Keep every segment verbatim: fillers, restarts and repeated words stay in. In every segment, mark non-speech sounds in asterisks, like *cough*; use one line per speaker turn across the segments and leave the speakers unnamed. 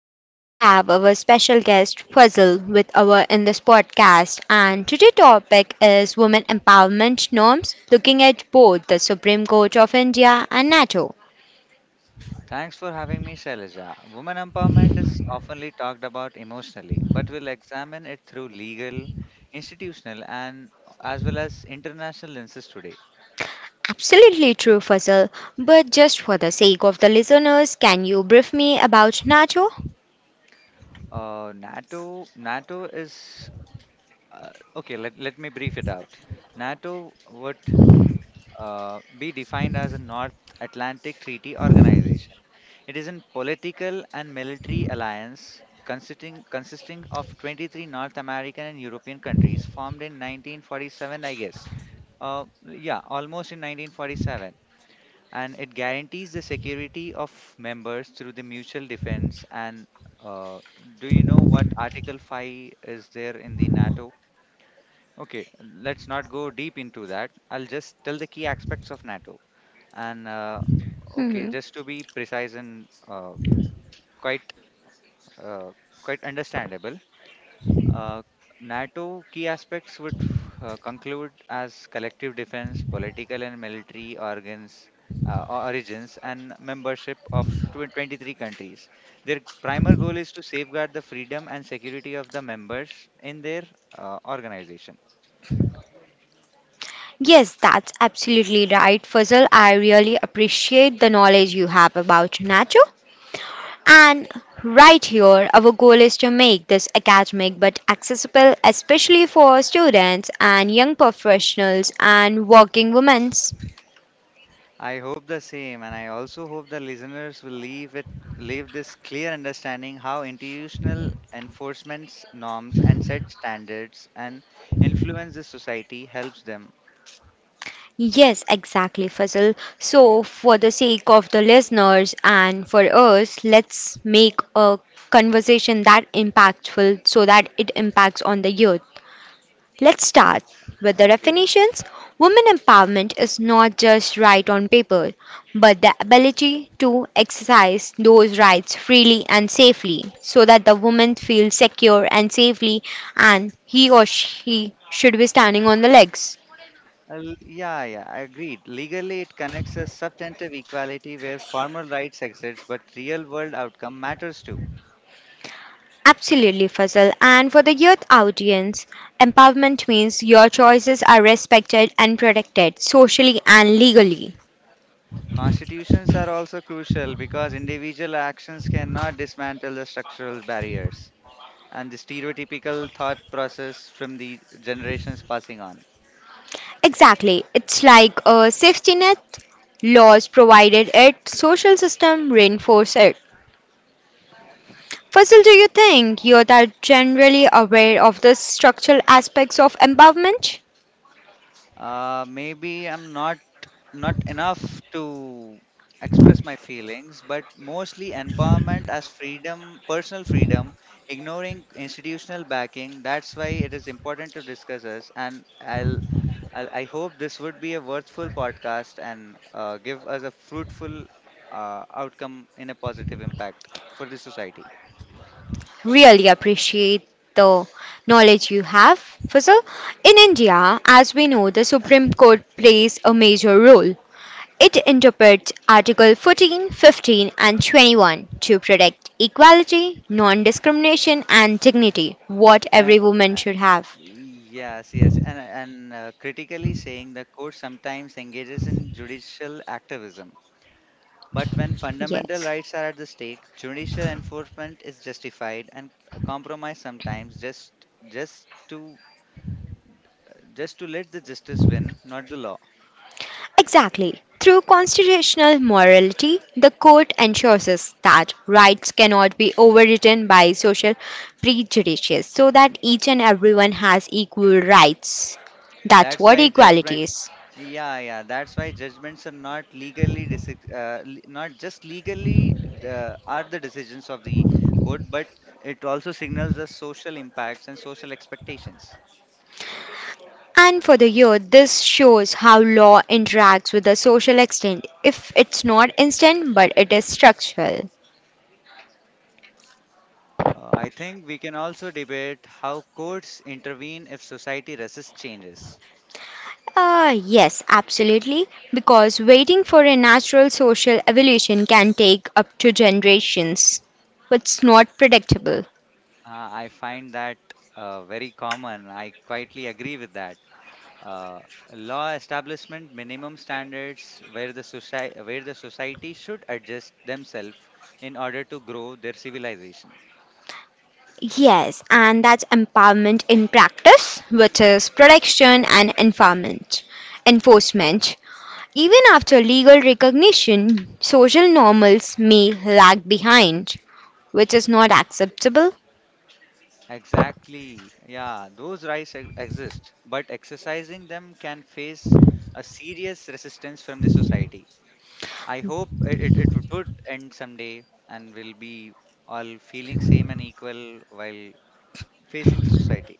Today, we have our special guest Fuzzle with our in this podcast, and today's topic is women empowerment norms, looking at both the Supreme Court of India and NATO.
Thanks for having me, Shailaja. Women empowerment is oftenly talked about emotionally, but we'll examine it through legal, institutional, and as well as international lenses today.
Absolutely true, Fuzzle. But just for the sake of the listeners, can you brief me about NATO?
Uh, NATO, NATO is uh, okay. Let let me brief it out. NATO would uh, be defined as a North Atlantic Treaty Organization. It is a political and military alliance consisting, consisting of twenty-three North American and European countries formed in nineteen forty-seven, I guess. Uh, yeah, almost in nineteen forty-seven. And it guarantees the security of members through the mutual defense. And uh, do you know what Article five is there in the NATO? Okay, let's not go deep into that. I'll just tell the key aspects of NATO. And uh, okay,
Mhm.
just to be precise and uh, quite uh, quite understandable. Uh, NATO key aspects would uh, conclude as collective defense, political and military organs, uh, or- origins, and membership of tw- twenty-three countries. Their primary goal is to safeguard the freedom and security of the members in their uh, organization.
Yes, that's absolutely right, Fuzzle. I really appreciate the knowledge you have about NATO. And right here, our goal is to make this academic but accessible, especially for students and young professionals and working women.
I hope the same, and I also hope the listeners will leave it leave this clear understanding how institutional enforcements norms and set standards and influence the society helps them.
Yes, exactly, Fazil. So, for the sake of the listeners and for us, let's make a conversation that impactful so that it impacts on the youth. Let's start with the
Okay.
definitions. Women empowerment is not just right on paper, but the ability to exercise those rights freely and safely so that the woman feels secure and safely, and he or she should be standing on the legs.
Well, yeah, yeah, I agreed. Legally, it connects a substantive equality where formal rights exist, but real-world outcome matters too.
Absolutely, Fazal. And for the youth audience, empowerment means your choices are respected and protected socially and legally.
Constitutions are also crucial because individual actions cannot dismantle the structural barriers and the stereotypical thought process from the generations passing on.
Exactly. It's like a safety net. Laws provided it, social system reinforce it. Faisal, do you think you're generally aware of the structural aspects of empowerment?
Uh, maybe I'm not not enough to express my feelings, but mostly empowerment as freedom, personal freedom, ignoring institutional backing. That's why it is important to discuss us, and I'll. I'll I hope this would be a worthwhile podcast and uh, give us a fruitful uh, outcome in a positive impact for the society.
Really appreciate the knowledge you have. Faisal, in India, as we know, the Supreme Court plays a major role. It interprets Article fourteen, fifteen, and twenty-one to protect equality, non-discrimination, and dignity, what
Uh,
every woman should have.
Yes, yes, and and uh, critically saying the court sometimes engages in judicial activism, but when fundamental
Yes,
rights are at the stake, judicial enforcement is justified and a compromise sometimes just just to just to let the justice win, not the law.
exactly. Through constitutional morality, the court ensures that rights cannot be overridden by social prejudices so that each and everyone has equal rights. That's
That's
what
why
equality
judgments,
is.
yeah, yeah. That's why judgments are not legally, deci- uh, le- not just legally the, are the decisions of the court, but it also signals the social impacts and social expectations.
And for the year, this shows how law interacts with the social extent. If it's not instant, but it is structural.
Uh, I think we can also debate how courts intervene if society resists changes.
Uh, yes, absolutely. Because waiting for a natural social evolution can take up to generations. It's not predictable.
Uh, I find that uh, very common. I quietly agree with that. uh, Law establishment minimum standards where the society where the society should adjust themselves in order to grow their civilization.
Yes, and that's empowerment in practice, which is protection and enforcement. Enforcement. Even after legal recognition, social normals may lag behind, which is not acceptable.
Exactly, yeah, those rights e- exist but exercising them can face a serious resistance from the society. I hope it, it, it would end someday and we'll be all feeling same and equal while facing the society.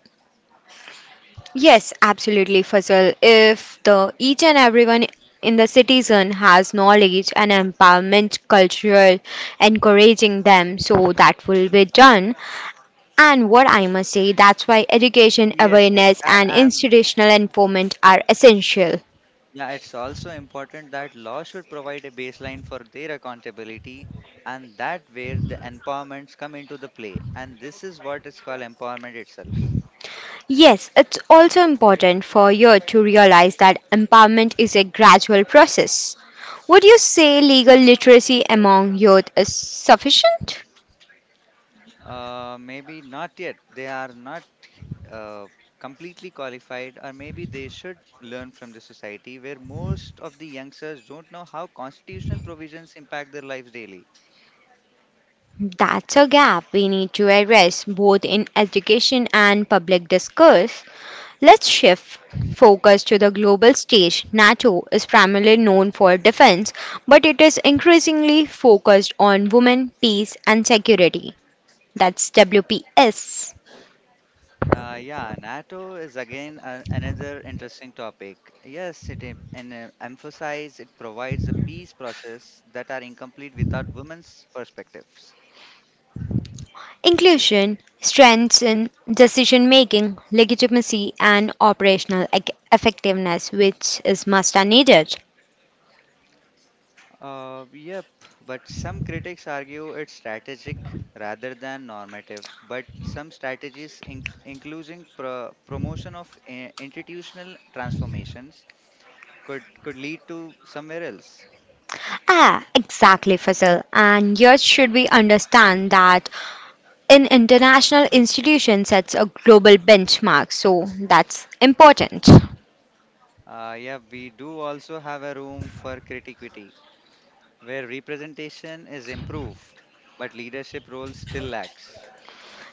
Yes, absolutely, Fazal. If the each and everyone in the citizen has knowledge and empowerment cultural encouraging them, so that will be done. And what I must say, that's why education,
Yes, yes,
awareness,
and
and
and
institutional enforcement are essential.
yeah, it's also important that law should provide a baseline for their accountability, and that where the empowerments come into the play. And this is what is called empowerment itself.
Yes, it's also important for you to realize that empowerment is a gradual process. Would you say legal literacy among youth is sufficient?
Uh, maybe not yet. They are not uh, completely qualified, or maybe they should learn from the society where most of the youngsters don't know how constitutional provisions impact their lives daily.
That's a gap we need to address both in education and public discourse. Let's shift focus to the global stage. NATO is primarily known for defense, but it is increasingly focused on women, peace, and security. That's W P S.
Uh, yeah, NATO is again a, another interesting topic. Yes, it em- and, uh, emphasize it provides a peace process that are incomplete without women's perspectives.
Inclusion strengthens decision making, legitimacy, and operational ec- effectiveness, which is must and needed.
Uh, yep, but some critics argue it's strategic rather than normative. But some strategies, inc- including pro- promotion of uh, institutional transformations, could could lead to somewhere else.
Ah, exactly, Faisal. And yet, should we understand that an international institution sets a global benchmark, so that's important.
Uh, yeah, we do also have a room for creativity where representation is improved, but leadership roles still lacks.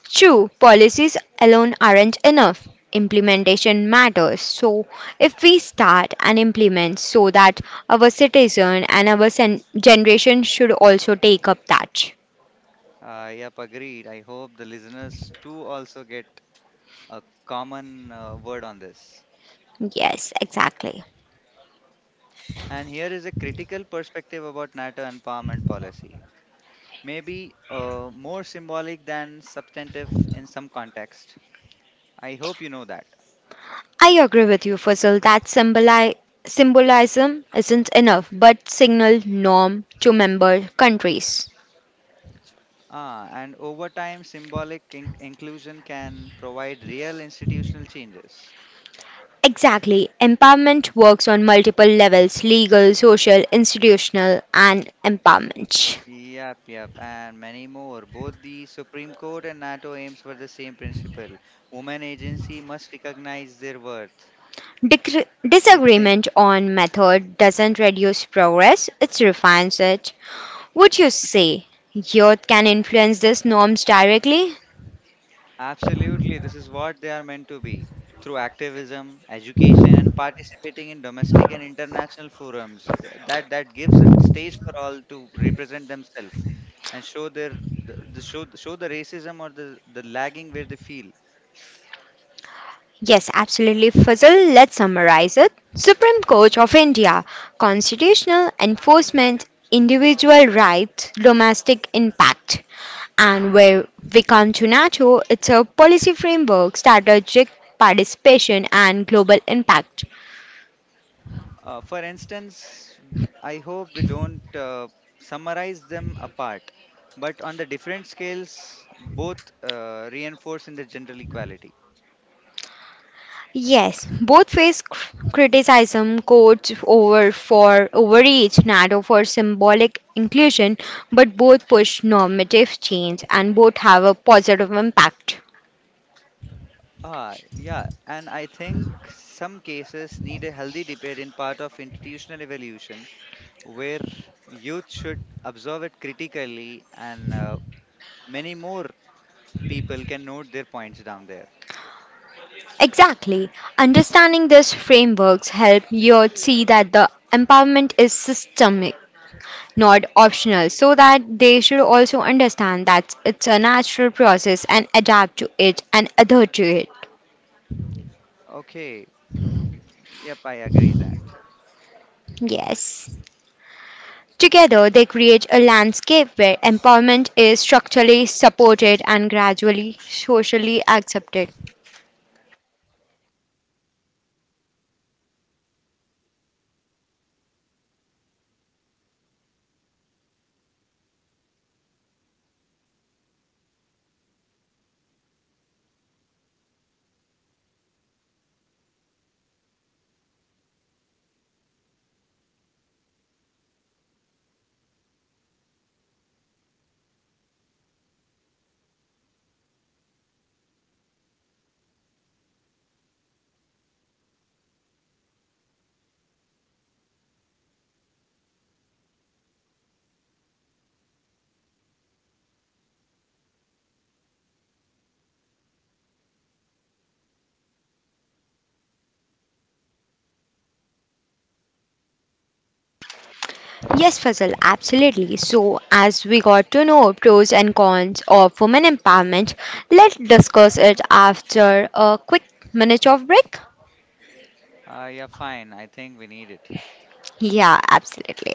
True, policies alone aren't enough. Implementation matters. So, if we start and implement so that our citizen and our sen- generation should also take up that.
Uh, yep, agreed. I hope the listeners too also get a common uh, word on this.
Yes, exactly.
And here is a critical perspective about NATO empowerment policy. Maybe uh, more symbolic than substantive in some context. I hope you know that.
I agree with you, Fazal, that symboli- symbolism isn't enough but signal norm to member countries.
Ah, and over time, symbolic in- inclusion can provide real institutional changes.
Exactly. Empowerment works on multiple levels legal, social, institutional, and empowerment.
Yep, yep, and many more. Both the Supreme Court and NATO aims for the same principle. Women agency must recognize their worth,
Dicre-
I think.
Disagreement on method doesn't reduce progress, it refines it. Would you say youth can influence these norms directly?
Absolutely, this is what they are meant to be. Through activism, education, and participating in domestic and international forums, Th- that that gives a stage for all to represent themselves and show their the, the show show the racism or the the lagging where they feel.
Yes, absolutely, Fazal. Let's summarize it. Supreme Court of India, constitutional enforcement, individual rights, domestic impact. And where we come to NATO, it's a policy framework, strategic participation, and global impact.
Uh, for instance, I hope we don't uh, summarize them apart, but on the different scales, both uh, reinforce in the general equality.
Yes, both face cr- criticism, courts over for overreach, NATO for symbolic inclusion, but both push normative change and both have a positive impact.
Ah, yeah, and I think some cases need a healthy debate in part of institutional evolution where youth should observe it critically and uh, many more people can note their points down there.
Exactly. Understanding these frameworks help you see that the empowerment is systemic, not optional, so that they should also understand that it's a natural process and adapt to it and adhere to it.
Okay, yep, I agree that.
Yes. Together, they create a landscape where empowerment is structurally supported and gradually socially accepted. Yes, Fazal, absolutely. So, as we got to know pros and cons of women empowerment, let's discuss it after a quick minute of break.
Uh, yeah, fine, I think we need it.
Yeah, absolutely.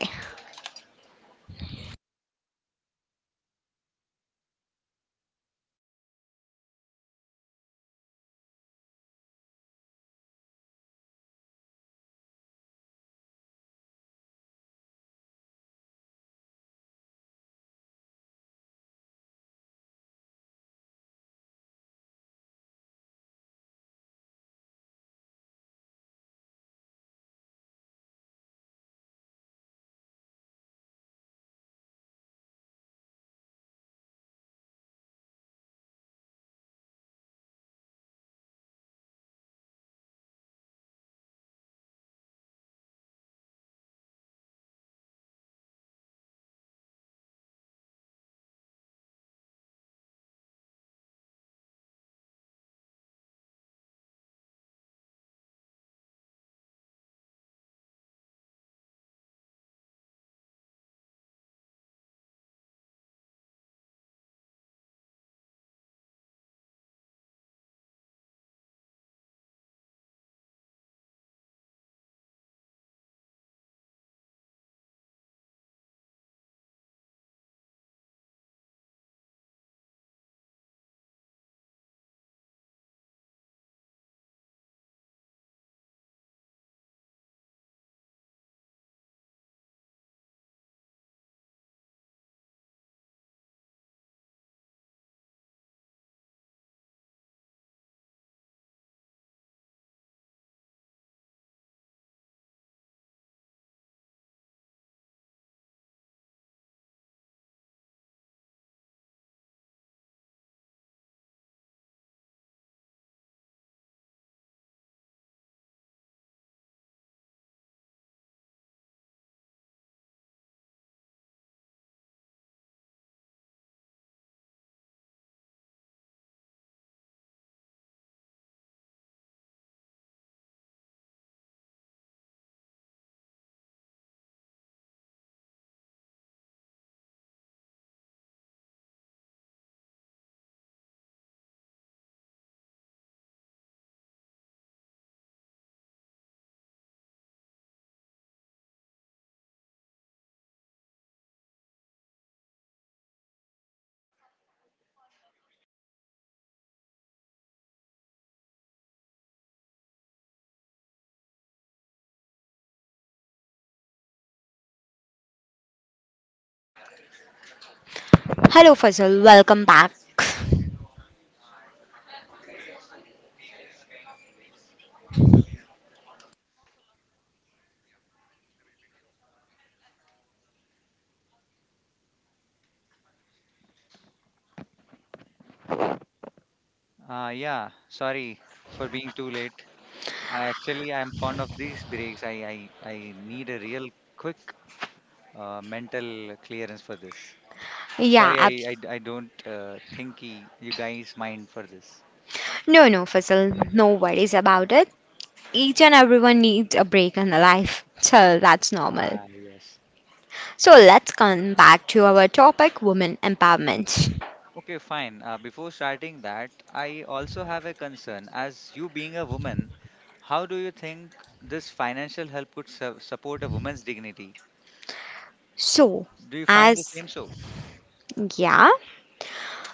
Hello, Fazal. Welcome back.
Uh, yeah, sorry for being too late. I actually I'm fond of these breaks. I I, I need a real quick uh, mental clearance for this.
Yeah,
Sorry, I
ab-
I, I don't uh, think he, you guys mind for this.
no, no, Fazal. No worries about it. Each and everyone needs a break in their life, so that's normal.
Ah, yes.
So, let's come back to our topic, women empowerment.
Okay, fine. Uh, before starting that, I also have a concern. As you being a woman, how do you think this financial help could su support a woman's dignity?
So,
Do you find the
as
same so?
yeah.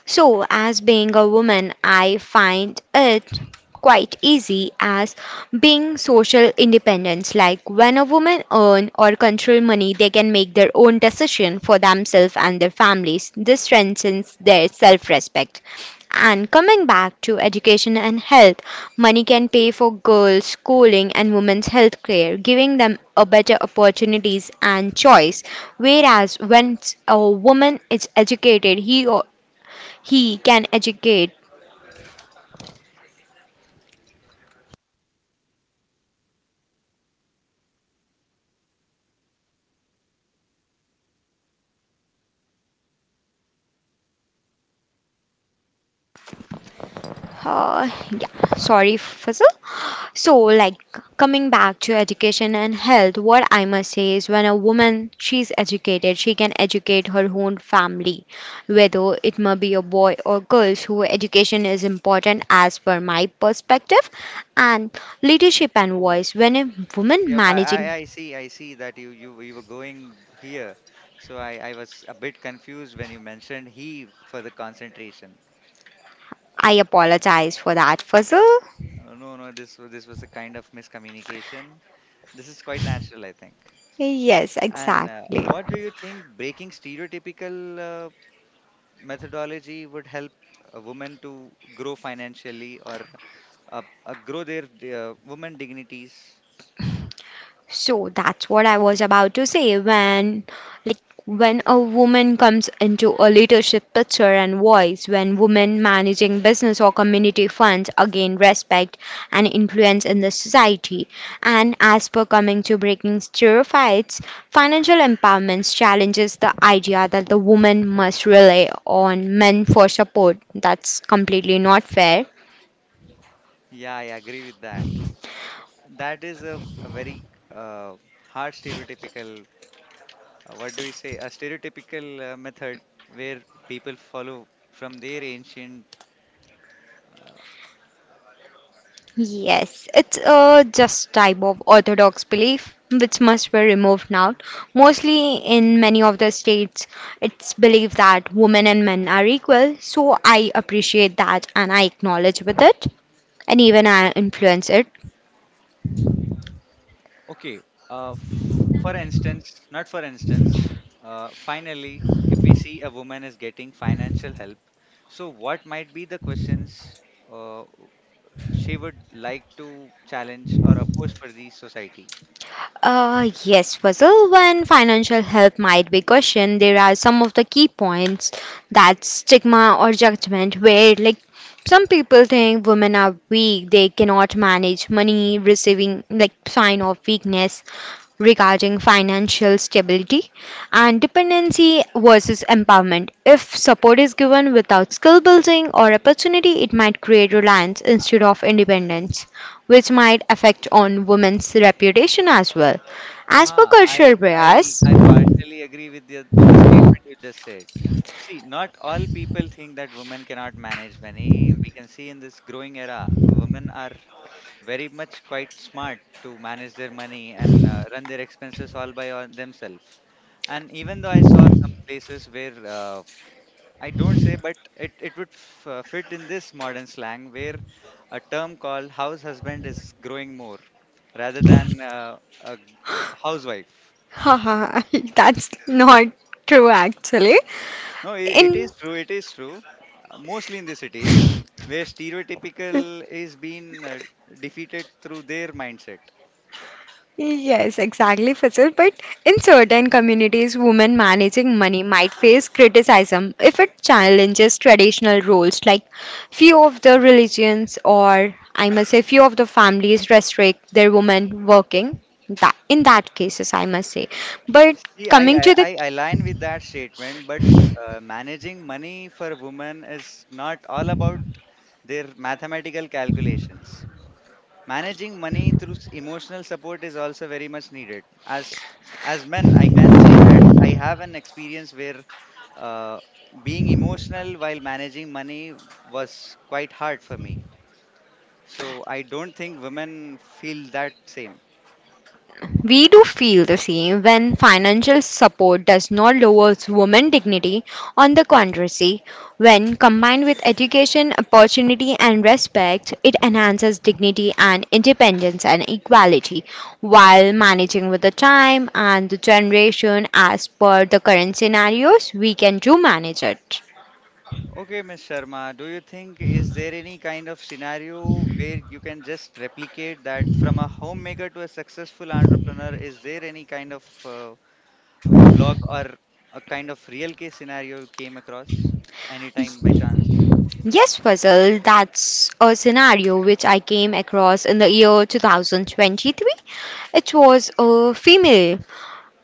So, as being a woman, I find it quite easy as being social independence. Like when a woman earn or control money, they can make their own decision for themselves and their families. This strengthens their self-respect. And coming back to education and health, money can pay for girls' schooling and women's health care, giving them a better opportunities and choice. Whereas when a woman is educated, he he can educate. Uh, yeah, sorry, Faisal. So, like coming back to education and health, what I must say is when a woman she's educated, she can educate her own family, whether it may be a boy or girls who education is important as per my perspective, and leadership and
Oh,
voice when a woman
yep, I,
managing.
I I see, I see that you you you were going here. So I I was a bit confused when you mentioned he for the concentration.
I apologize for that, Fuzzle.
Oh, no, no, this wa- this was a kind of miscommunication. This is quite natural, I think.
Yes,
And uh,
exactly.
what do you think breaking stereotypical uh, methodology would help a woman to grow financially or uh, uh, grow their uh, woman dignities?
So that's what I was about to say when like when a woman comes into a leadership picture and voice, when women managing business or community funds again respect and influence in the society. And as per coming to breaking stereotypes, financial empowerment challenges the idea that the woman must rely on men for support. That's completely not fair.
Yeah, I agree with that. That is a, a very uh, hard stereotypical, uh, what do we say, a stereotypical uh, method where people follow from their ancient. Uh,
Yes, it's a just type of orthodox belief which must be removed now. Mostly in many of the states, it's believed that women and men are equal. So I appreciate that and I acknowledge with it and even I influence it.
okay, uh, f- for instance, not for instance, uh, finally, if we see a woman is getting financial help, so what might be the questions uh, she would like to challenge or oppose for the society?
Uh, yes, Fazil, when financial help might be questioned, there are some of the key points that stigma or judgment, where like some people think women are weak, they cannot manage money, receiving like sign of weakness regarding financial stability and dependency versus empowerment. If support is given without skill building or opportunity, it might create reliance instead of independence which might affect on women's reputation as well. As per
Ah,
cultural
I I
bias, *gasps*
I partially agree with the with the statement you just said. See, not all people think that women cannot manage money. We can see in this growing era, women are very much quite smart to manage their money and uh, run their expenses all by on themselves. And even though I saw some places where uh, I don't say, but it, it would f- uh, fit in this modern slang where a term called house husband is growing more rather than uh, a g- housewife.
haha, *laughs* that's not true actually.
No, it, it
In
is true. It is true. Uh, Mostly in the cities where
*laughs*
stereotypical is being uh, defeated through their mindset.
yes, exactly, Faisal. But in certain communities, women managing money might face criticism if it challenges traditional roles, like few of the religions or I must say few of the families restrict their women working. That in that cases, I must say. But
See,
coming
I,
to
I,
the,
I align with that statement, but uh, managing money for women is not all about their mathematical calculations. Managing money through s- emotional support is also very much needed. As as men, I can say that I have an experience where Uh, being emotional while managing money was quite hard for me. So I don't think women feel that same.
we do feel the same when financial support does not lower women's dignity. On the contrary, when combined with education, opportunity, and respect, it enhances dignity and independence and equality while managing with the time and the generation as per the current scenarios, we can do manage it.
Okay, Miss Sharma, do you think is there any kind of scenario where you can just replicate that from a homemaker to a successful entrepreneur? Is there any kind of uh, a blog or a kind of real case scenario you came across anytime by chance?
Yes, Fazal, that's a scenario which I came across in the year twenty twenty-three. It was a female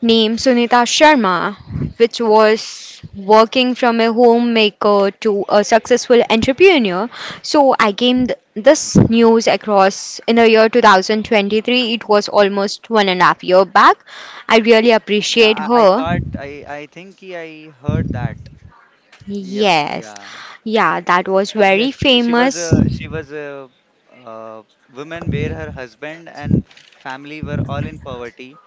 named Sunita Sharma, which was working from a homemaker to a successful entrepreneur. So I came th- this news across in the year two thousand twenty-three. It was almost one and a half year back. I really appreciate
Yeah, I, I
her.
thought I I think I heard that. Yep,
Yes,
yeah,
yeah, that was
yeah,
very
she wa- she was
famous.
a she was a uh, woman where her husband and family were all in poverty,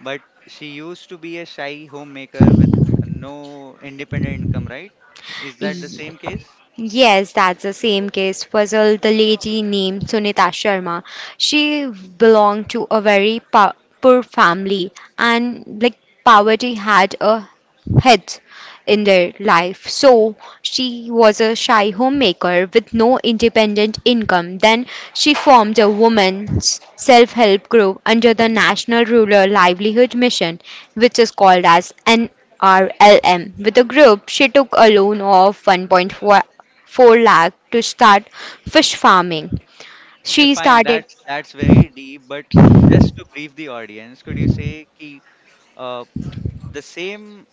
but she used to be a shy homemaker with no independent income, right? Is that the
Ye-
same case?
Yes, that's the same case. Puzzle, the lady named Sunita Sharma. She belonged to a very po- poor family, and like poverty had a head in their life. So she was a shy homemaker with no independent income. Then she formed a woman's self help group under the National Rural Livelihood Mission, which is called as N R L M. R L M. With the group, she took a loan of one point four lakh to start fish farming.
Okay,
She
fine.
started.
That's that's very deep, but just to brief the audience, could you say ki, uh, the same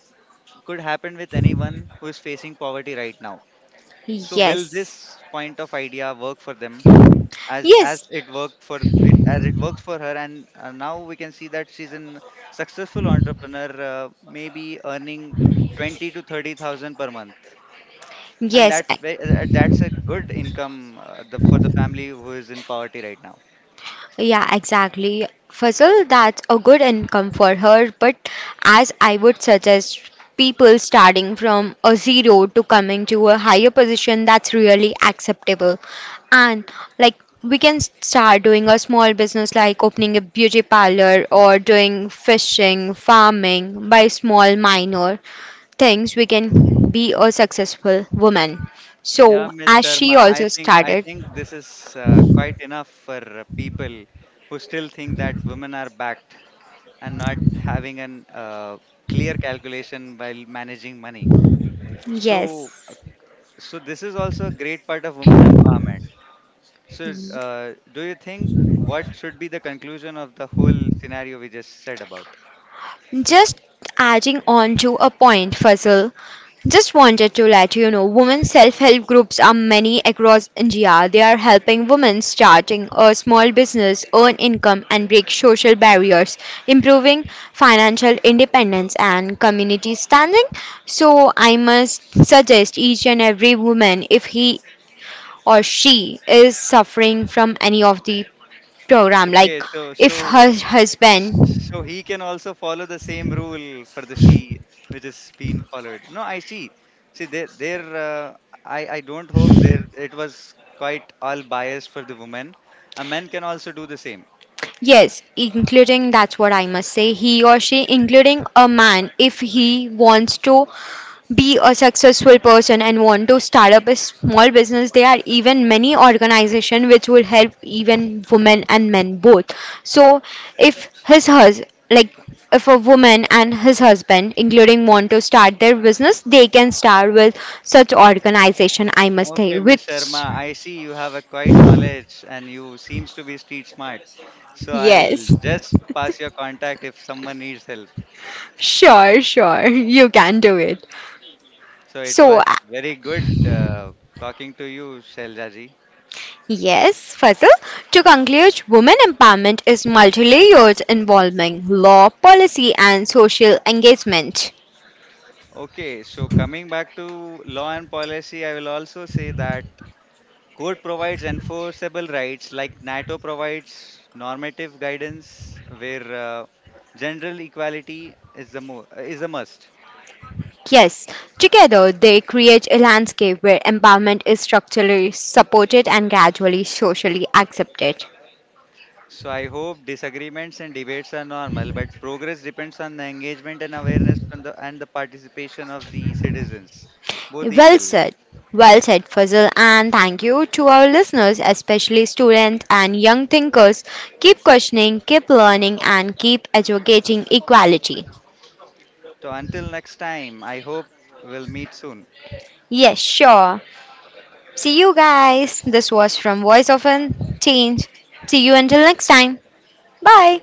could happen with anyone who is facing poverty right now? So will
Yes.
this point of idea work for them? as as
Yes.
it worked for it, as it works for her and uh, now we can see that she's a successful entrepreneur, uh, maybe earning twenty to thirty thousand per month, and
Yes.
that's ve- uh, that's a good income uh, the, for the family who is in poverty right now.
Yeah, exactly. Fuzzle, that's a good income for her, but as I would suggest people starting from a zero to coming to a higher position, that's really acceptable. And like we can start doing a small business like opening a beauty parlor or doing fishing, farming by small minor things we can be a successful woman.
Yeah,
So
Miss
as she
Sharma, i
also
think i
started,
think this is uh, quite enough for uh, people who still think that women are backed and not having an uh, clear calculation while managing money. so, uh,
yes.
So this is also a great part of women empowerment. So uh, do you think what should be the conclusion of the whole scenario we just said about?
Just adding on to a point, Faisal. Just wanted to let you know women self help groups are many across India. They are helping women starting a small business, earn income, and break social barriers, improving financial independence and community standing. So, I must suggest each and every woman if he or she is suffering from any of the program, like
Okay, so so
if her husband.
so he can also follow the same rule for the she which is being followed. No, I see. See, there there uh, I I don't hope there it was quite all biased for the woman. A man can also do the same.
Yes, including that's what I must say. He or she, including a man, if he wants to be a successful person and want to start up a small business, there are even many organizations which will help even women and men both. So if his hus like if a woman and his husband including want to start their business they can start with such organization I must say
Okay, Miss
which
Sharma, I see you have a quite knowledge and you seems to be street smart. So I'll
yes. *laughs*
just pass your contact if someone needs help.
Sure, sure, you can do it.
So it
So,
was
uh,
very good uh, talking to you, Shailaji.
yes, Fazil, to conclude, women empowerment is multi layered involving law, policy, and social engagement.
Okay, so coming back to law and policy, I will also say that code provides enforceable rights like NATO provides normative guidance where uh, general equality is the mo- is a must.
Yes, together they create a landscape where empowerment is structurally supported and gradually socially accepted.
So I hope disagreements and debates are normal, but progress depends on the engagement and awareness from the and the participation of the citizens, both
Well
equally.
said. Well said, Fazal. And thank you to our listeners, especially students and young thinkers. Keep questioning, keep learning, and keep advocating equality.
So until next time, I hope we'll meet soon.
Yes, sure. See you guys. This was from Voice of a Change. See you until next time. Bye.